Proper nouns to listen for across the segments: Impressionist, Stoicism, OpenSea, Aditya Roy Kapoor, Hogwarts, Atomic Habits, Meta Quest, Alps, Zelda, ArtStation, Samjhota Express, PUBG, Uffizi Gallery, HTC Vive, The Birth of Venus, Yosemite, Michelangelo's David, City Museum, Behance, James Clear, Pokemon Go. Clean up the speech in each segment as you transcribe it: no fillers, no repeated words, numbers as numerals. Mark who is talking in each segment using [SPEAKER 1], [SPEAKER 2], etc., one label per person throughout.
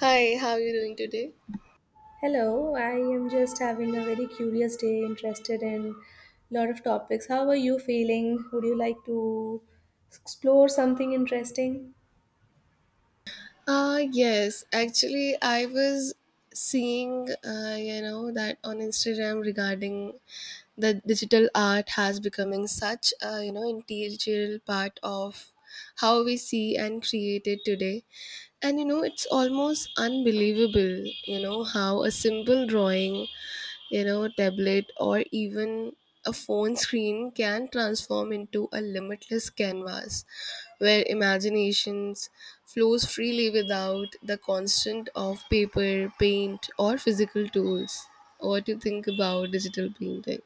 [SPEAKER 1] Hi, how are you doing today?
[SPEAKER 2] Hello, I am just having a very curious day, interested in lot of topics. How are you feeling? Would you like to explore something interesting?
[SPEAKER 1] Yes, actually, I was seeing, that on Instagram regarding the digital art has becoming such, integral part of how we see and create it today. It's almost unbelievable, how a simple drawing tablet or even a phone screen can transform into a limitless canvas where imaginations flows freely without the constant of paper paint or physical tools. What do you think about digital painting?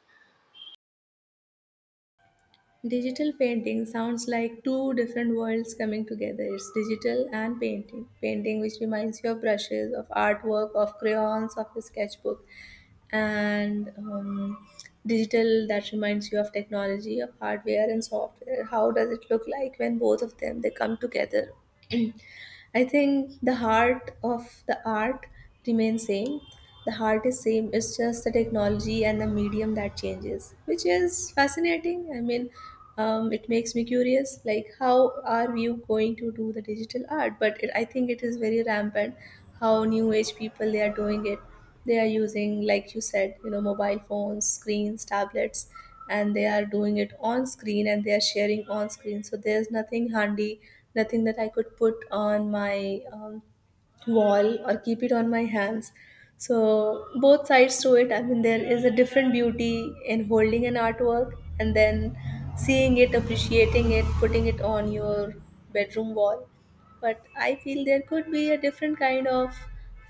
[SPEAKER 2] Digital painting sounds like two different worlds coming together. It's digital and painting. Painting, which reminds you of brushes, of artwork, of crayons, of a sketchbook, and digital that reminds you of technology, of hardware and software. How does it look like when both of them they come together? I think the heart of the art remains same, the heart is same. It's just the technology and the medium that changes, which is fascinating. I mean, it makes me curious like how are we going to do the digital art, but it, I think it is very rampant how new age people they are doing it. They are using, like you said, you know, mobile phones, screens, tablets, and they are doing it on screen and they are sharing on screen, so there's nothing handy, nothing that I could put on my wall or keep it on my hands. So, both sides to it, I mean, there is a different beauty in holding an artwork and then seeing it, appreciating it, putting it on your bedroom wall. But I feel there could be a different kind of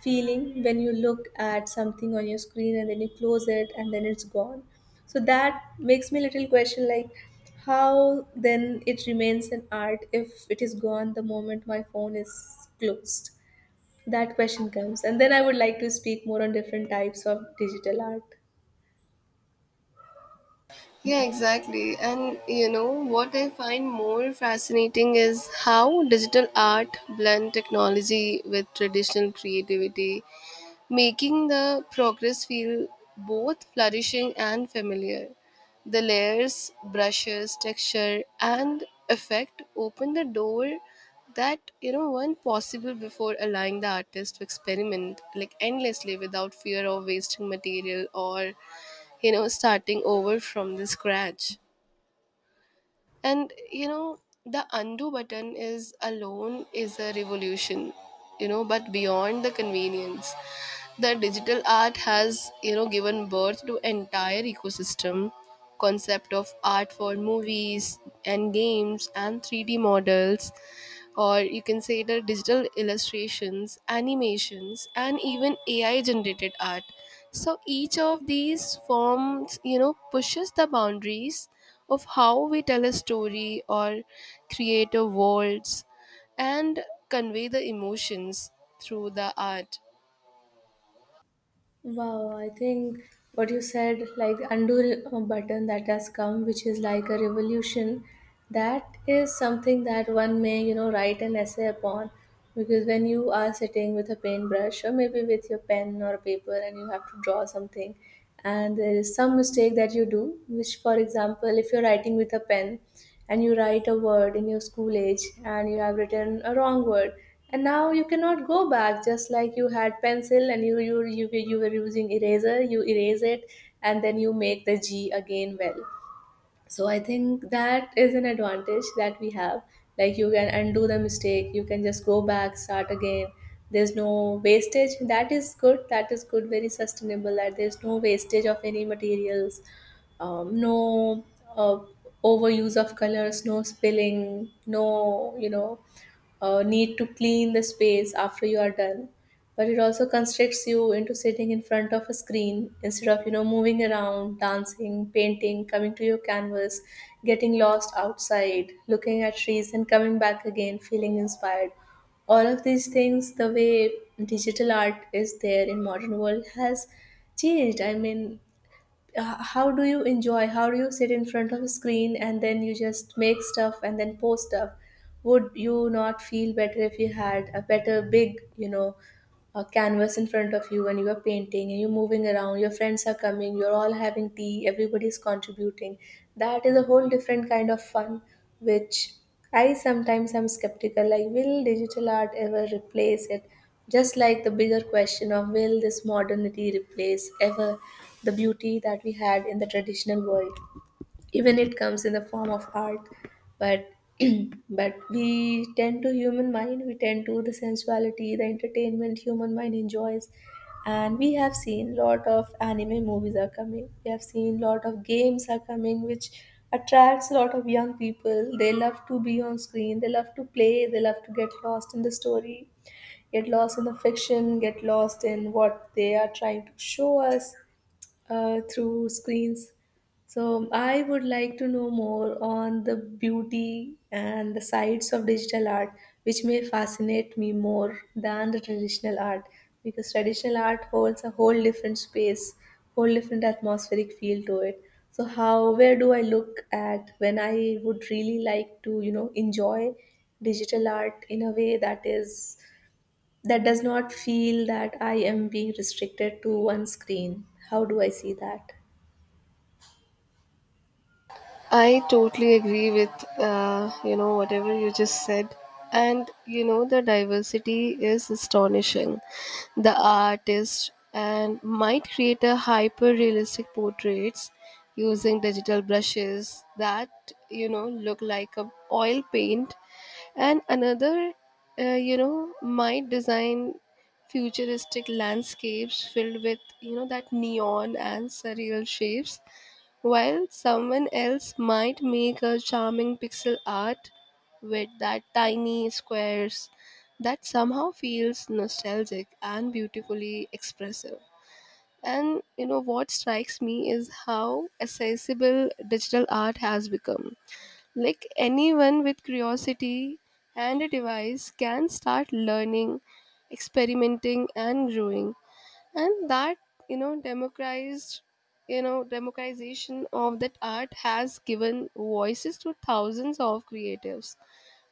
[SPEAKER 2] feeling when you look at something on your screen and then you close it and then it's gone. So, that makes me a little question like, how then it remains an art if it is gone the moment my phone is closed? That question comes, and then I would like to speak more on different types of digital art.
[SPEAKER 1] Yeah, exactly. And you know what I find more fascinating is how digital art blend technology with traditional creativity, making the progress feel both flourishing and familiar. The layers, brushes, texture, and effect open the door that weren't possible before, allowing the artist to experiment like endlessly without fear of wasting material or starting over from the scratch. And you know the undo button is alone is a revolution, you know, but beyond the convenience the digital art has given birth to entire ecosystem, concept of art for movies and games and 3d models, or you can say the digital illustrations, animations, and even ai generated art. So each of these forms pushes the boundaries of how we tell a story or create a worlds and convey the emotions through the art.
[SPEAKER 2] Wow, I think what you said, like undo button that has come, which is like a revolution, that is something that one may, you know, write an essay upon. Because when you are sitting with a paintbrush or maybe with your pen or paper and you have to draw something, and there is some mistake that you do, which, for example, if you're writing with a pen and you write a word in your school age and you have written a wrong word, and now you cannot go back. Just like you had pencil and you were using eraser, you erase it and then you make the g again. Well, so I think that is an advantage that we have. Like you can undo the mistake, you can just go back, start again. There's no wastage. That is good, that is good, very sustainable, that there's no wastage of any materials, no uh, overuse of colors, no spilling, no, you know, need to clean the space after you are done. But it also constricts you into sitting in front of a screen instead of, you know, moving around, dancing, painting, coming to your canvas, getting lost outside, looking at trees and coming back again feeling inspired. All of these things, the way digital art is there in modern world has changed. I mean, how do you enjoy, how do you sit in front of a screen and then you just make stuff and then post stuff? Would you not feel better if you had a better big, you know, a canvas in front of you and you are painting and you're moving around, your friends are coming, you're all having tea, everybody's contributing? That is a whole different kind of fun, which I sometimes am skeptical like, will digital art ever replace it? Just like the bigger question of, will this modernity replace ever the beauty that we had in the traditional world, even it comes in the form of art? But but we tend to, human mind, we tend to the sensuality, the entertainment human mind enjoys. And we have seen lot of anime movies are coming, we have seen lot of games are coming, which attracts a lot of young people. They love to be on screen, they love to play, they love to get lost in the story, get lost in the fiction, get lost in what they are trying to show us through screens. So I would like to know more on the beauty and the sides of digital art, which may fascinate me more than the traditional art, because traditional art holds a whole different space, whole different atmospheric feel to it. So how, where do I look at when I would really like to, you know, enjoy digital art in a way that is that does not feel that I am being restricted to one screen. How do I see that?
[SPEAKER 1] I totally agree with whatever you just said, and you know the diversity is astonishing. The artist and might create a hyper realistic portraits using digital brushes that look like a oil paint, and another uh, might design futuristic landscapes filled with that neon and surreal shapes, while someone else might make a charming pixel art with that tiny squares that somehow feels nostalgic and beautifully expressive. And you know what strikes me is how accessible digital art has become. Like anyone with curiosity and a device can start learning, experimenting, and growing, and that you know democratized you know democratization of that art has given voices to thousands of creatives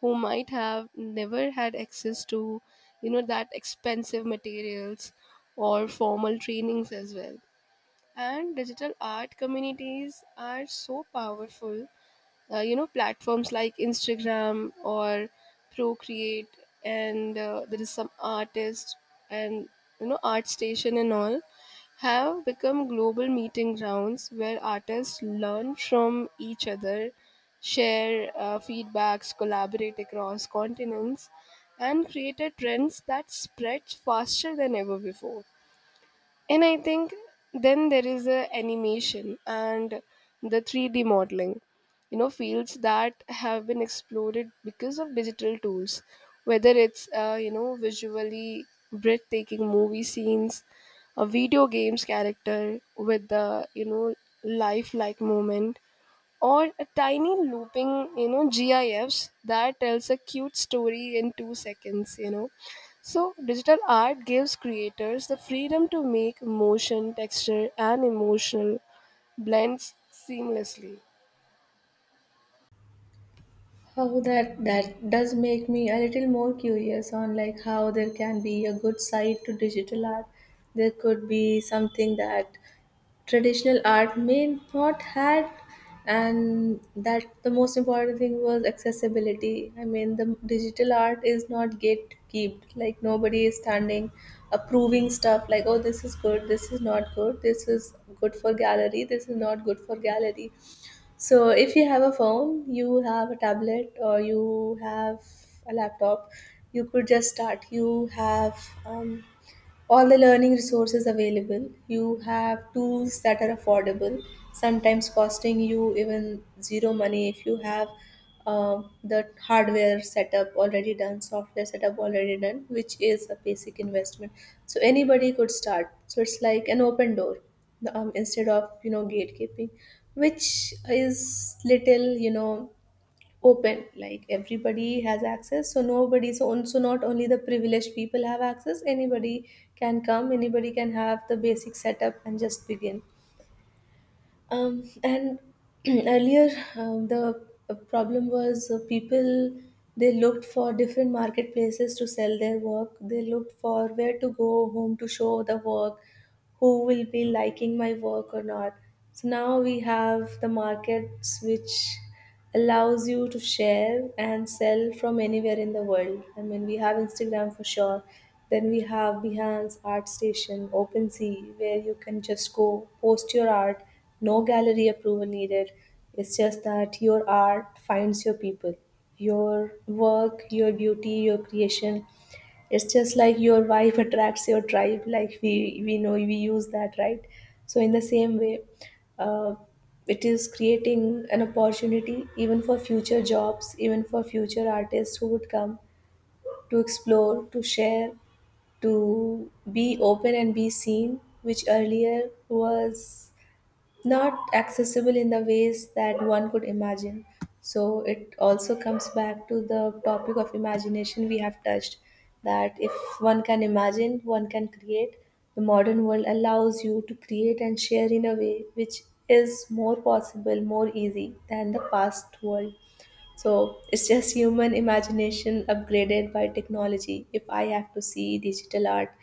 [SPEAKER 1] who might have never had access to that expensive materials or formal trainings as well. And digital art communities are so powerful. Platforms like Instagram or Procreate and there is some artist and Art Station and all have become global meeting grounds where artists learn from each other, share feedbacks, collaborate across continents, and create a trends that spread faster than ever before. And I think then there is a animation and the 3D modeling, you know, fields that have been exploded because of digital tools, whether it's, visually breathtaking movie scenes, a video game's character with the, you know, lifelike moment, or a tiny looping gifs that tells a cute story in 2 seconds, you know. So digital art gives creators the freedom to make motion texture and emotional blends seamlessly.
[SPEAKER 2] How that that does make me a little more curious on like how there can be a good side to digital art. There could be something that traditional art may not had, and that the most important thing was accessibility. I mean, the digital art is not gatekept. Like nobody is standing approving stuff like, oh, this is good, this is not good, this is good for gallery, this is not good for gallery. So if you have a phone, you have a tablet, or you have a laptop, you could just start. You have um, all the learning resources available. You have tools that are affordable, sometimes costing you even zero money if you have the hardware setup already done, software setup already done, which is a basic investment. So anybody could start. So it's like an open door, instead of, you know, gatekeeping, which is little, you know, open, like everybody has access, so nobody, so on, so not only the privileged people have access, anybody can come, anybody can have the basic setup and just begin. And earlier, the problem was, people, they looked for different marketplaces to sell their work, they looked for where to go, whom to show the work, who will be liking my work or not. So now we have the markets which allows you to share and sell from anywhere in the world. I mean, we have Instagram for sure. Then we have Behance, ArtStation, OpenSea, where you can just go post your art. No gallery approval needed. It's just that your art finds your people, your work, your beauty, your creation. It's just like your wife attracts your tribe, like we know we use that, right? So in the same way, uh, it is creating an opportunity even for future jobs, even for future artists who would come to explore, to share, to be open and be seen, which earlier was not accessible in the ways that one could imagine. So it also comes back to the topic of imagination we have touched, that if one can imagine, one can create. The modern world allows you to create and share in a way which is more possible, more easy than the past world. So it's just human imagination upgraded by technology. If I have to see digital art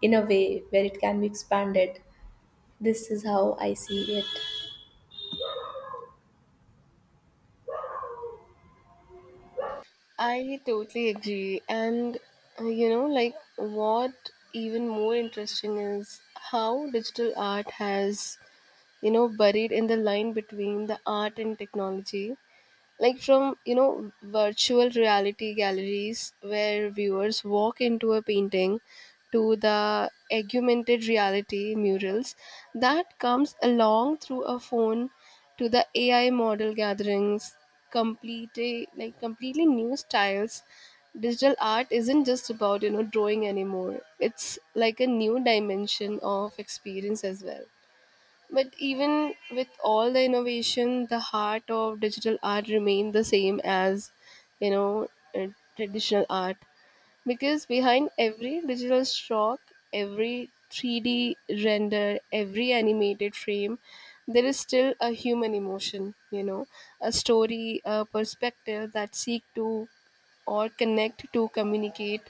[SPEAKER 2] in a way where it can be expanded, this is how I see it.
[SPEAKER 1] I totally agree. And like what even more interesting is how digital art has buried in the line between the art and technology, like from virtual reality galleries where viewers walk into a painting, to the augmented reality murals that comes along through a phone, to the ai model gatherings, completely new styles. Digital art isn't just about drawing anymore. It's like a new dimension of experience as well. But even with all the innovation, the heart of digital art remained the same as, you know, uh, traditional art. Because behind every digital stroke, every 3D render, every animated frame, there is still a human emotion, you know, a story, a perspective that seek to or connect to communicate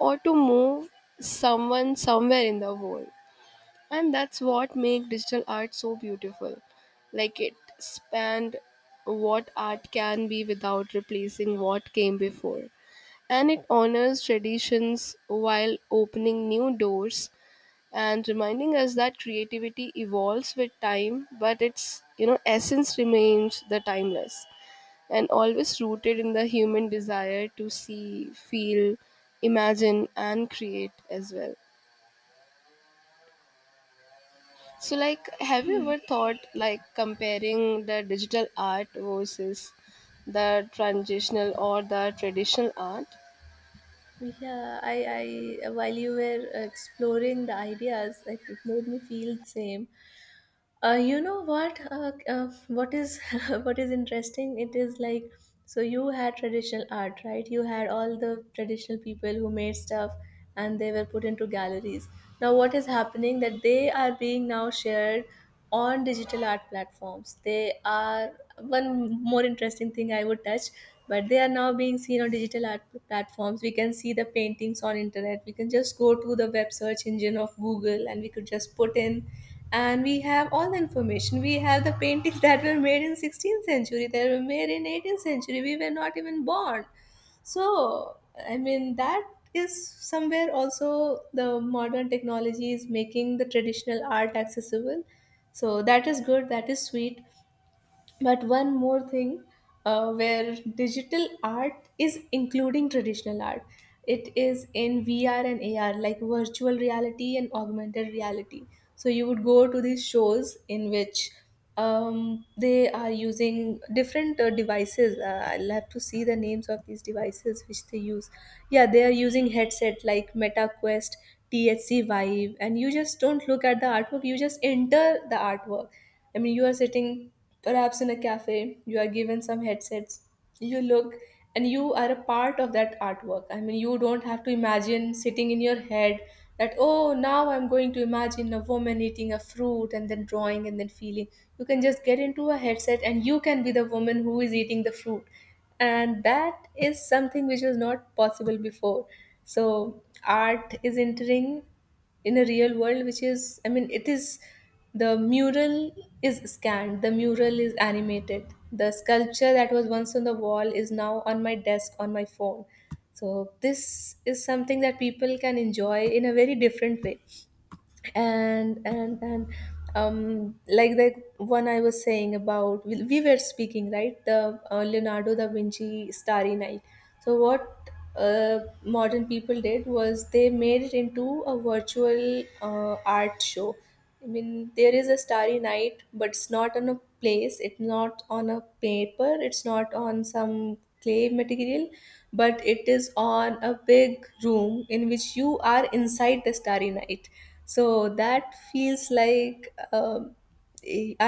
[SPEAKER 1] or to move someone somewhere in the world. And that's what make digital art so beautiful. Like it spanned what art can be without replacing what came before, and it honors traditions while opening new doors and reminding us that creativity evolves with time but its essence remains the timeless and always rooted in the human desire to see, feel, imagine, and create as well. So, like, have you ever thought like comparing the digital art versus the transitional or the traditional art?
[SPEAKER 2] Yeah, I while you were exploring the ideas, it made me feel the same. You know what? What is what is interesting? It is like, so you had traditional art, right? You had all the traditional people who made stuff, and they were put into galleries. Now, what is happening that they are being now shared on digital art platforms. They are one more interesting thing I would touch, but they are now being seen on digital art platforms. We can see the paintings on internet. We can just go to the web search engine of Google, and we could just put in, and we have all the information, we have the paintings that were made in 16th century, that were made in 18th century, we were not even born. So I mean that is somewhere also the modern technology is making the traditional art accessible. So that is good, that is sweet. But one more thing, where digital art is including traditional art, it is in VR and AR, like virtual reality and augmented reality. So you would go to these shows in which they are using different devices. I'll have to see the names of these devices which they use. Yeah, they are using headset like Meta Quest, THC Vive, and you just don't look at the artwork, you just enter the artwork. I mean, you are sitting perhaps in a cafe, you are given some headsets. You look and you are a part of that artwork. I mean, you don't have to imagine sitting in your head that, oh, now I'm going to imagine a woman eating a fruit and then drawing and then feeling. You can just get into a headset and you can be the woman who is eating the fruit. And that is something which was not possible before. So, art is entering in a real world, which is, I mean, it is... the mural is scanned, the mural is animated, the sculpture that was once on the wall is now on my desk, on my phone. So this is something that people can enjoy in a very different way. And like the one I was saying about, we were speaking, right? The Leonardo da Vinci Starry Night. So what modern people did was they made it into a virtual art show. I mean, there is a Starry Night, but it's not on a place, it's not on a paper, it's not on some clay material, but it is on a big room in which you are inside the Starry Night. So that feels like,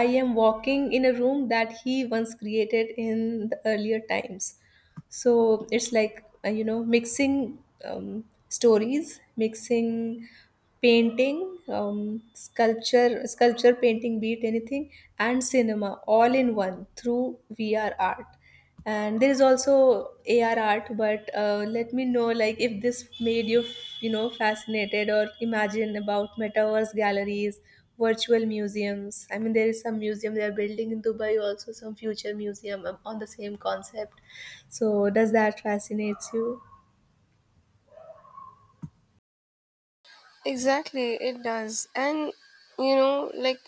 [SPEAKER 2] I am walking in a room that he once created in the earlier times. So it's like, you know, mixing, stories, mixing painting, sculpture, painting, be it anything, and cinema, all in one through VR art. And there is also AR art. But let me know, like, if this made you, you know, fascinated, or imagine about metaverse galleries, virtual museums. I mean, there is some museum they are building in Dubai also, some future museum on the same concept. So does that fascinates you?
[SPEAKER 1] Exactly, it does. And you know, like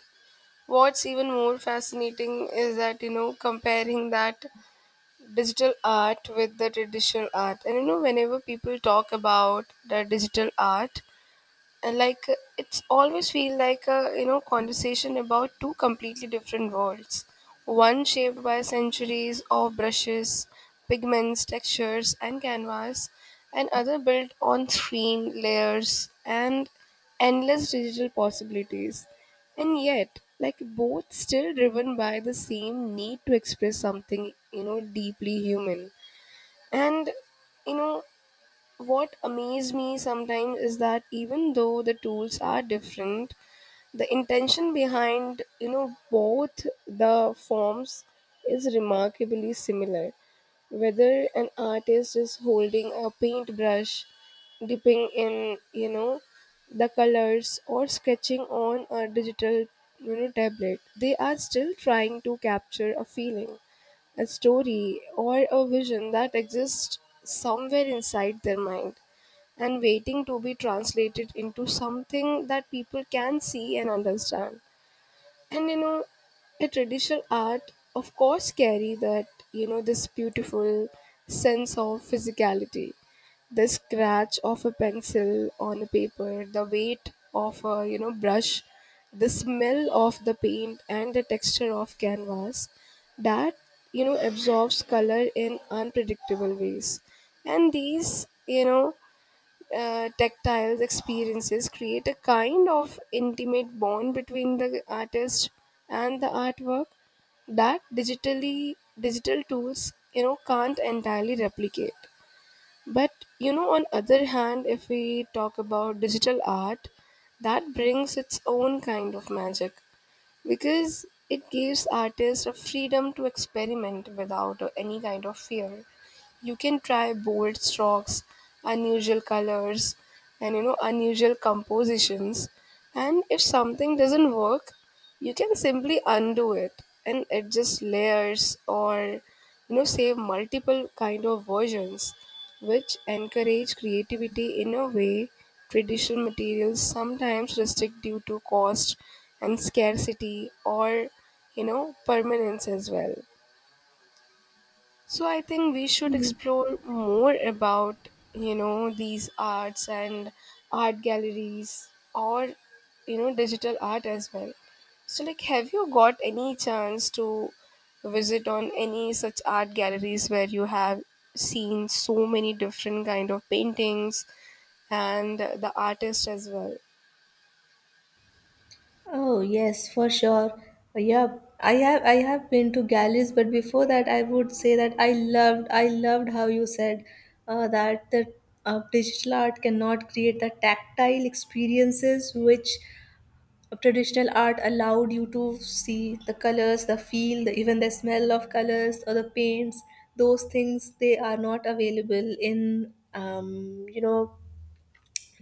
[SPEAKER 1] what's even more fascinating is that you know, comparing that digital art with the traditional art. And you know, whenever people talk about the digital art, and like it's always feel like a conversation about two completely different worlds, one shaped by centuries of brushes, pigments, textures, and canvas, and other built on screen layers and endless digital possibilities. And yet like both still driven by the same need to express something deeply human. And you know what amazes me sometimes is that even though the tools are different, the intention behind both the forms is remarkably similar. Whether an artist is holding a paintbrush, dipping in the colors, or sketching on a digital tablet, they are still trying to capture a feeling, a story, or a vision that exists somewhere inside their mind and waiting to be translated into something that people can see and understand. And you know a traditional art of course carry that this beautiful sense of physicality, the scratch of a pencil on a paper, the weight of a brush, the smell of the paint, and the texture of canvas that absorbs color in unpredictable ways. And these tactile experiences create a kind of intimate bond between the artist and the artwork that digital tools can't entirely replicate. But you know, on other hand, if we talk about digital art, that brings its own kind of magic because it gives artists a freedom to experiment without any kind of fear. You can try bold strokes, unusual colors, and you know, unusual compositions. And if something doesn't work, you can simply undo it and adjust layers or save multiple kind of versions, which encourage creativity in a way traditional materials sometimes restrict due to cost and scarcity or permanence as well. So I think we should explore more about, you know, these arts and art galleries or, you know, digital art as well. So like have you got any chance to visit on any such art galleries where you have seen so many different kind of paintings and the artist as well?
[SPEAKER 2] Oh yes, for sure. Yeah, I have been to galleys, but before that, I would say that I loved how you said that the digital art cannot create the tactile experiences which traditional art allowed you to see the colors, the feel, the, even the smell of colors or the paints. Those things, they are not available in, you know,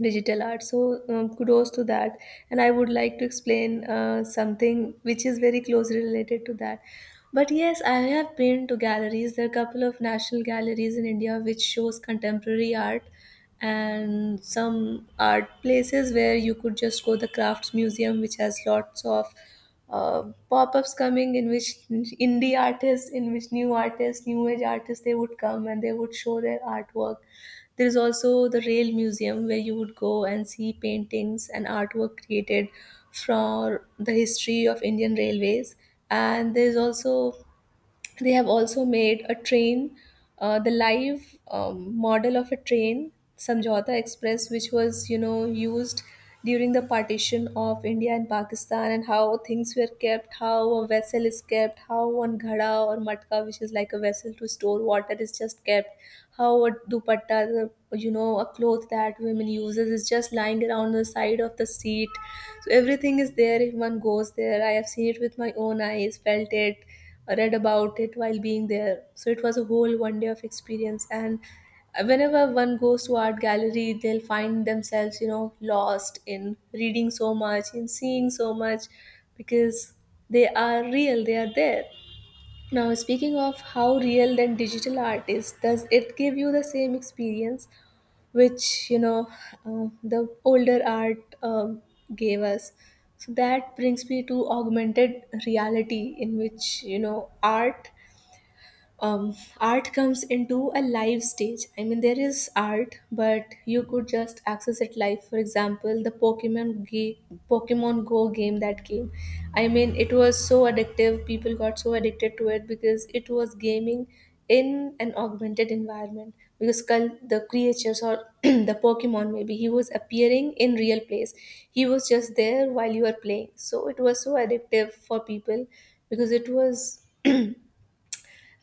[SPEAKER 2] digital art. So, kudos to that. And I would like to explain something which is very closely related to that. But yes, I have been to galleries. There are a couple of national galleries in India which shows contemporary art, and some art places where you could just go, the Crafts Museum, which has lots of pop-ups coming in, which indie artists, in which new artists, new age artists, they would come and they would show their artwork. There is also the Rail Museum, where you would go and see paintings and artwork created for the history of Indian railways. And there is also, they have also made a train, the live model of a train, Samjhota Express, which was, you know, used during the partition of India and Pakistan, and how things were kept, how a vessel is kept, how one ghada or matka, which is like a vessel to store water, is just kept, how a dupatta, the, you know, a cloth that women uses, is just lying around the side of the seat. So everything is there if one goes there. I have seen it with my own eyes, felt it, read about it while being there. So it was a whole one day of experience. And whenever one goes to art gallery, they'll find themselves, you know, lost in reading so much, in seeing so much, because they are real, they are there. Now, speaking of how real then digital art is, does it give you the same experience which, you know, the older art gave us? So that brings me to augmented reality, in which, you know, art comes into a live stage. I mean, there is art, but you could just access it live. For example, the Pokemon game, Pokemon Go game that came. I mean, it was so addictive. People got so addicted to it because it was gaming in an augmented environment. Because the creatures or the Pokemon, maybe he was appearing in real place. He was just there while you were playing. So it was so addictive for people because it was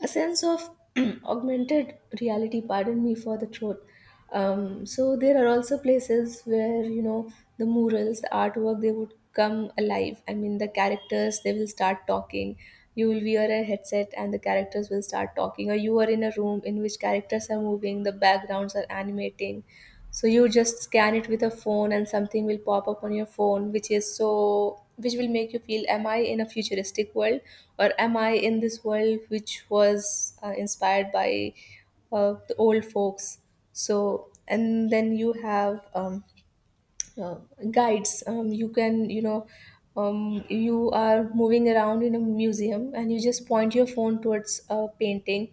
[SPEAKER 2] a sense of augmented reality. Pardon me for the throat. So there are also places where, you know, the murals, the artwork, they would come alive. I mean, the characters, they will start talking. You will wear a headset and the characters will start talking. Or you are in a room in which characters are moving, the backgrounds are animating. So you just scan it with a phone and something will pop up on your phone, which is so, which will make you feel, am I in a futuristic world, or am I in this world which was inspired by the old folks? So and then you have uh, guides. You can, you know, you are moving around in a museum and you just point your phone towards a painting,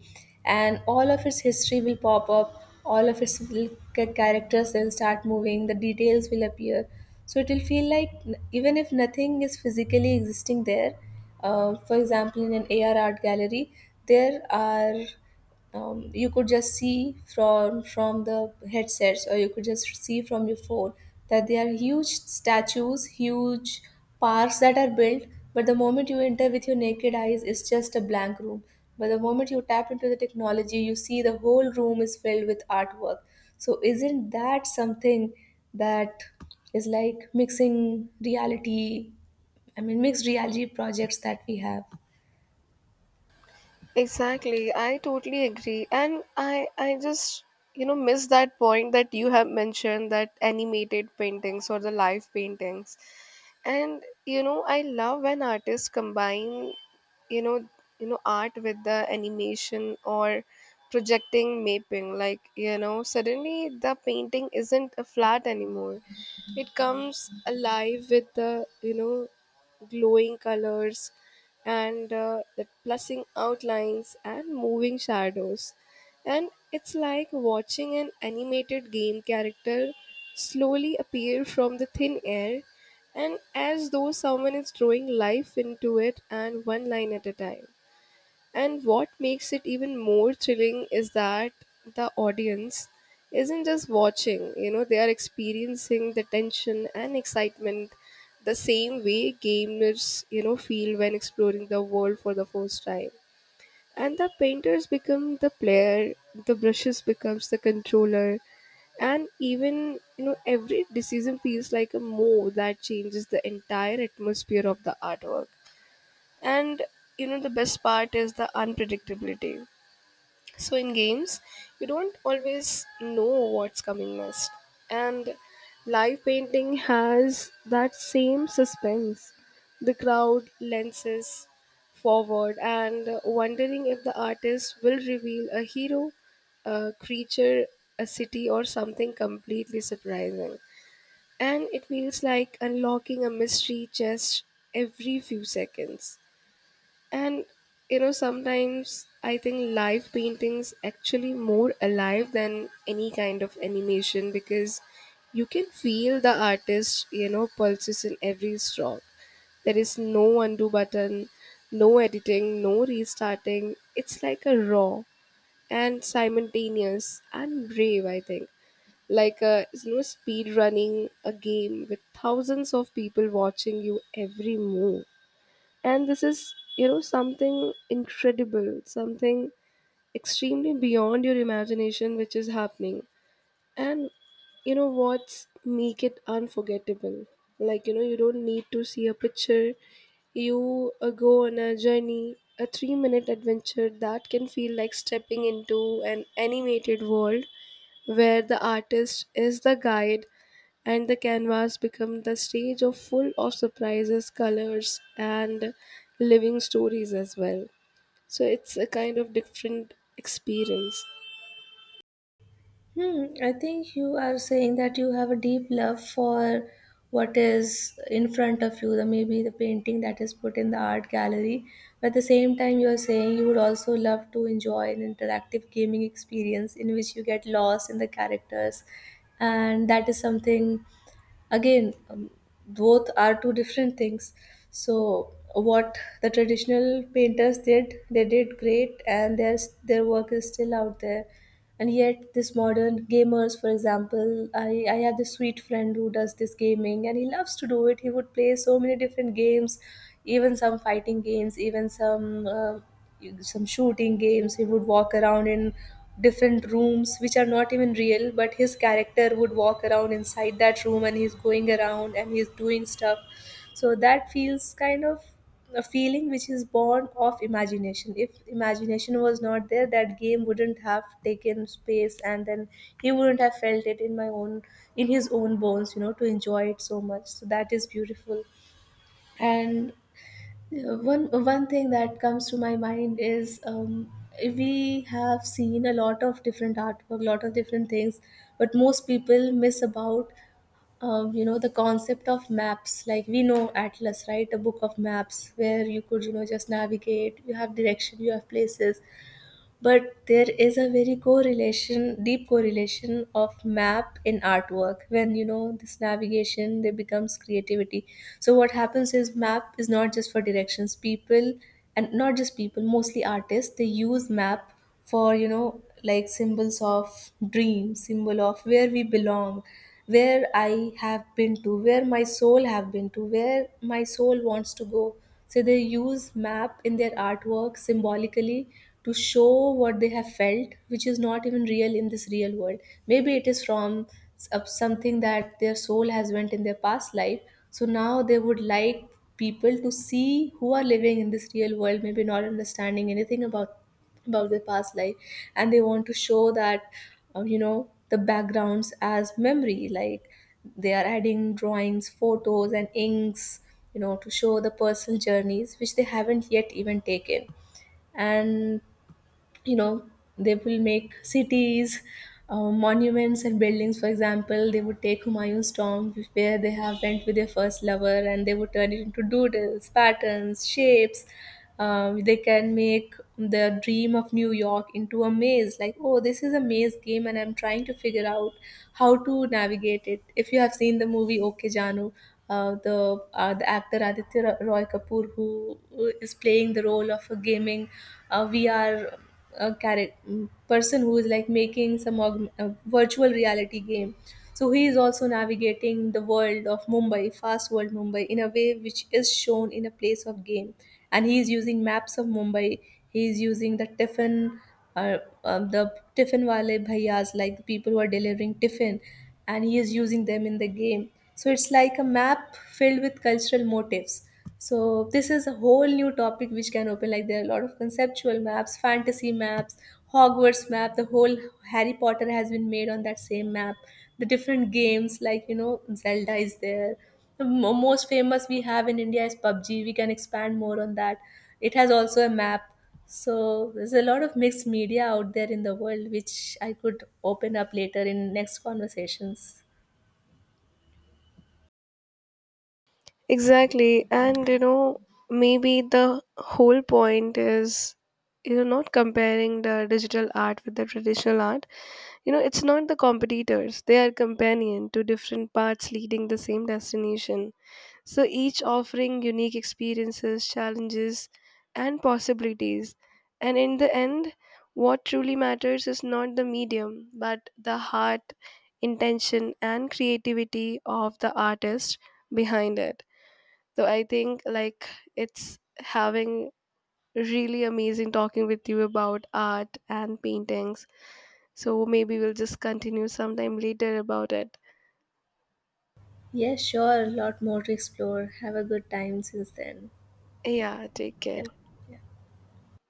[SPEAKER 2] and all of its history will pop up, all of its little characters will start moving, the details will appear. So it will feel like, even if nothing is physically existing there. For example, in an AR art gallery, there are, you could just see from the headsets, or you could just see from your phone that there are huge statues, huge parks that are built. But the moment you enter with your naked eyes, it's just a blank room. But the moment you tap into the technology, you see the whole room is filled with artwork. So isn't that something that is like mixing reality? I mean, mixed reality projects that we have.
[SPEAKER 1] Exactly. I totally agree. And I just, you know, miss that point that you have mentioned that animated paintings or the live paintings. And you know, I love when artists combine you know art with the animation or projecting mapping, like suddenly the painting isn't a flat anymore. It comes alive with the glowing colors and the plussing outlines and moving shadows, and it's like watching an animated game character slowly appear from the thin air, and as though someone is throwing life into it and one line at a time. And what makes it even more thrilling is that the audience isn't just watching, you know, they are experiencing the tension and excitement the same way gamers, you know, feel when exploring the world for the first time. And the painters become the player, the brushes becomes the controller, and even you know every decision feels like a move that changes the entire atmosphere of the artwork. And you know the best part is the unpredictability. So in games, you don't always know what's coming next. And live painting has that same suspense. The crowd lenses forward and wondering if the artist will reveal a hero, a creature, a city, or something completely surprising. And it feels like unlocking a mystery chest every few seconds. And you know, sometimes I think live paintings actually more alive than any kind of animation because you can feel the artist, you know, pulses in every stroke. There is no undo button, no editing, no restarting. It's like a raw and simultaneous and brave, I think. Like a you know, speed running a game with thousands of people watching you every move. And this is you know something incredible, something extremely beyond your imagination which is happening. And you know what's make it unforgettable, like you know you don't need to see a picture. You go on a journey, a 3-minute minute adventure that can feel like stepping into an animated world where the artist is the guide and the canvas becomes the stage of full of surprises, colors, and living stories as well. So it's a kind of different experience.
[SPEAKER 2] Hmm, I think you are saying that you have a deep love for what is in front of you, the, maybe the painting that is put in the art gallery. But at the same time, you are saying you would also love to enjoy an interactive gaming experience in which you get lost in the characters, and that is something again. Both are two different things. So what the traditional painters did, they did great, and their work is still out there. And yet this modern gamers, for example, I have this sweet friend who does this gaming and he loves to do it. He would play so many different games, even some fighting games, even some shooting games. He would walk around in different rooms which are not even real, but his character would walk around inside that room, and he's going around and he's doing stuff. So that feels kind of a feeling which is born of imagination. If imagination was not there, that game wouldn't have taken space. And then he wouldn't have felt it in his own bones, you know, to enjoy it so much. So that is beautiful. And one thing that comes to my mind is, we have seen a lot of different artwork, lot of different things, but most people miss about, you know, the concept of maps. Like we know atlas, right? A book of maps where you could, you know, just navigate, you have direction, you have places. But there is a very correlation, deep correlation of map in artwork. When you know, this navigation there becomes creativity. So what happens is, map is not just for directions, people, and not just people, mostly artists, they use map for, you know, like symbols of dream, symbol of where we belong, where I have been to, where my soul have been to, where my soul wants to go. So they use map in their artwork symbolically, to show what they have felt, which is not even real in this real world. Maybe it is from of something that their soul has went in their past life. So now they would like people to see who are living in this real world, maybe not understanding anything about their past life, and they want to show that, you know, the backgrounds as memory, like they are adding drawings, photos and inks, you know, to show the personal journeys which they haven't yet even taken. And, you know, they will make cities, monuments and buildings. For example, they would take Humayun's Tomb, where they have went with their first lover, and they would turn it into doodles, patterns, shapes. They can make the dream of New York into a maze. Like, oh, this is a maze game and I'm trying to figure out how to navigate it. If you have seen the movie Okay Janu, the actor Aditya Roy Kapoor, who is playing the role of a gaming, VR, a character person who is like making some a virtual reality game. So he is also navigating the world of Mumbai, fast world Mumbai, in a way which is shown in a place of game. And he is using maps of Mumbai. He is using the tiffin, uh, the tiffin wale bhaiyas, like the people who are delivering tiffin, and he is using them in the game. So it's like a map filled with cultural motifs. So this is a whole new topic which can open, like there are a lot of conceptual maps, fantasy maps, Hogwarts map. The whole Harry Potter has been made on that same map. The different games, like, you know, Zelda is there. The most famous we have in India is PUBG. We can expand more on that. It has also a map. So there's a lot of mixed media out there in the world which I could open up later in next conversations.
[SPEAKER 1] Exactly. And you know, maybe the whole point is you know not comparing the digital art with the traditional art. You know, it's not the competitors. They are companion to different paths leading the same destination. So each offering unique experiences, challenges, and possibilities. And in the end, what truly matters is not the medium, but the heart, intention, and creativity of the artist behind it. So I think like it's having really amazing talking with you about art and paintings. So maybe we'll just continue sometime later about it.
[SPEAKER 2] Yeah, sure, a lot more to explore. Have a good time since then.
[SPEAKER 1] Yeah, take care.
[SPEAKER 2] Yep. Yeah.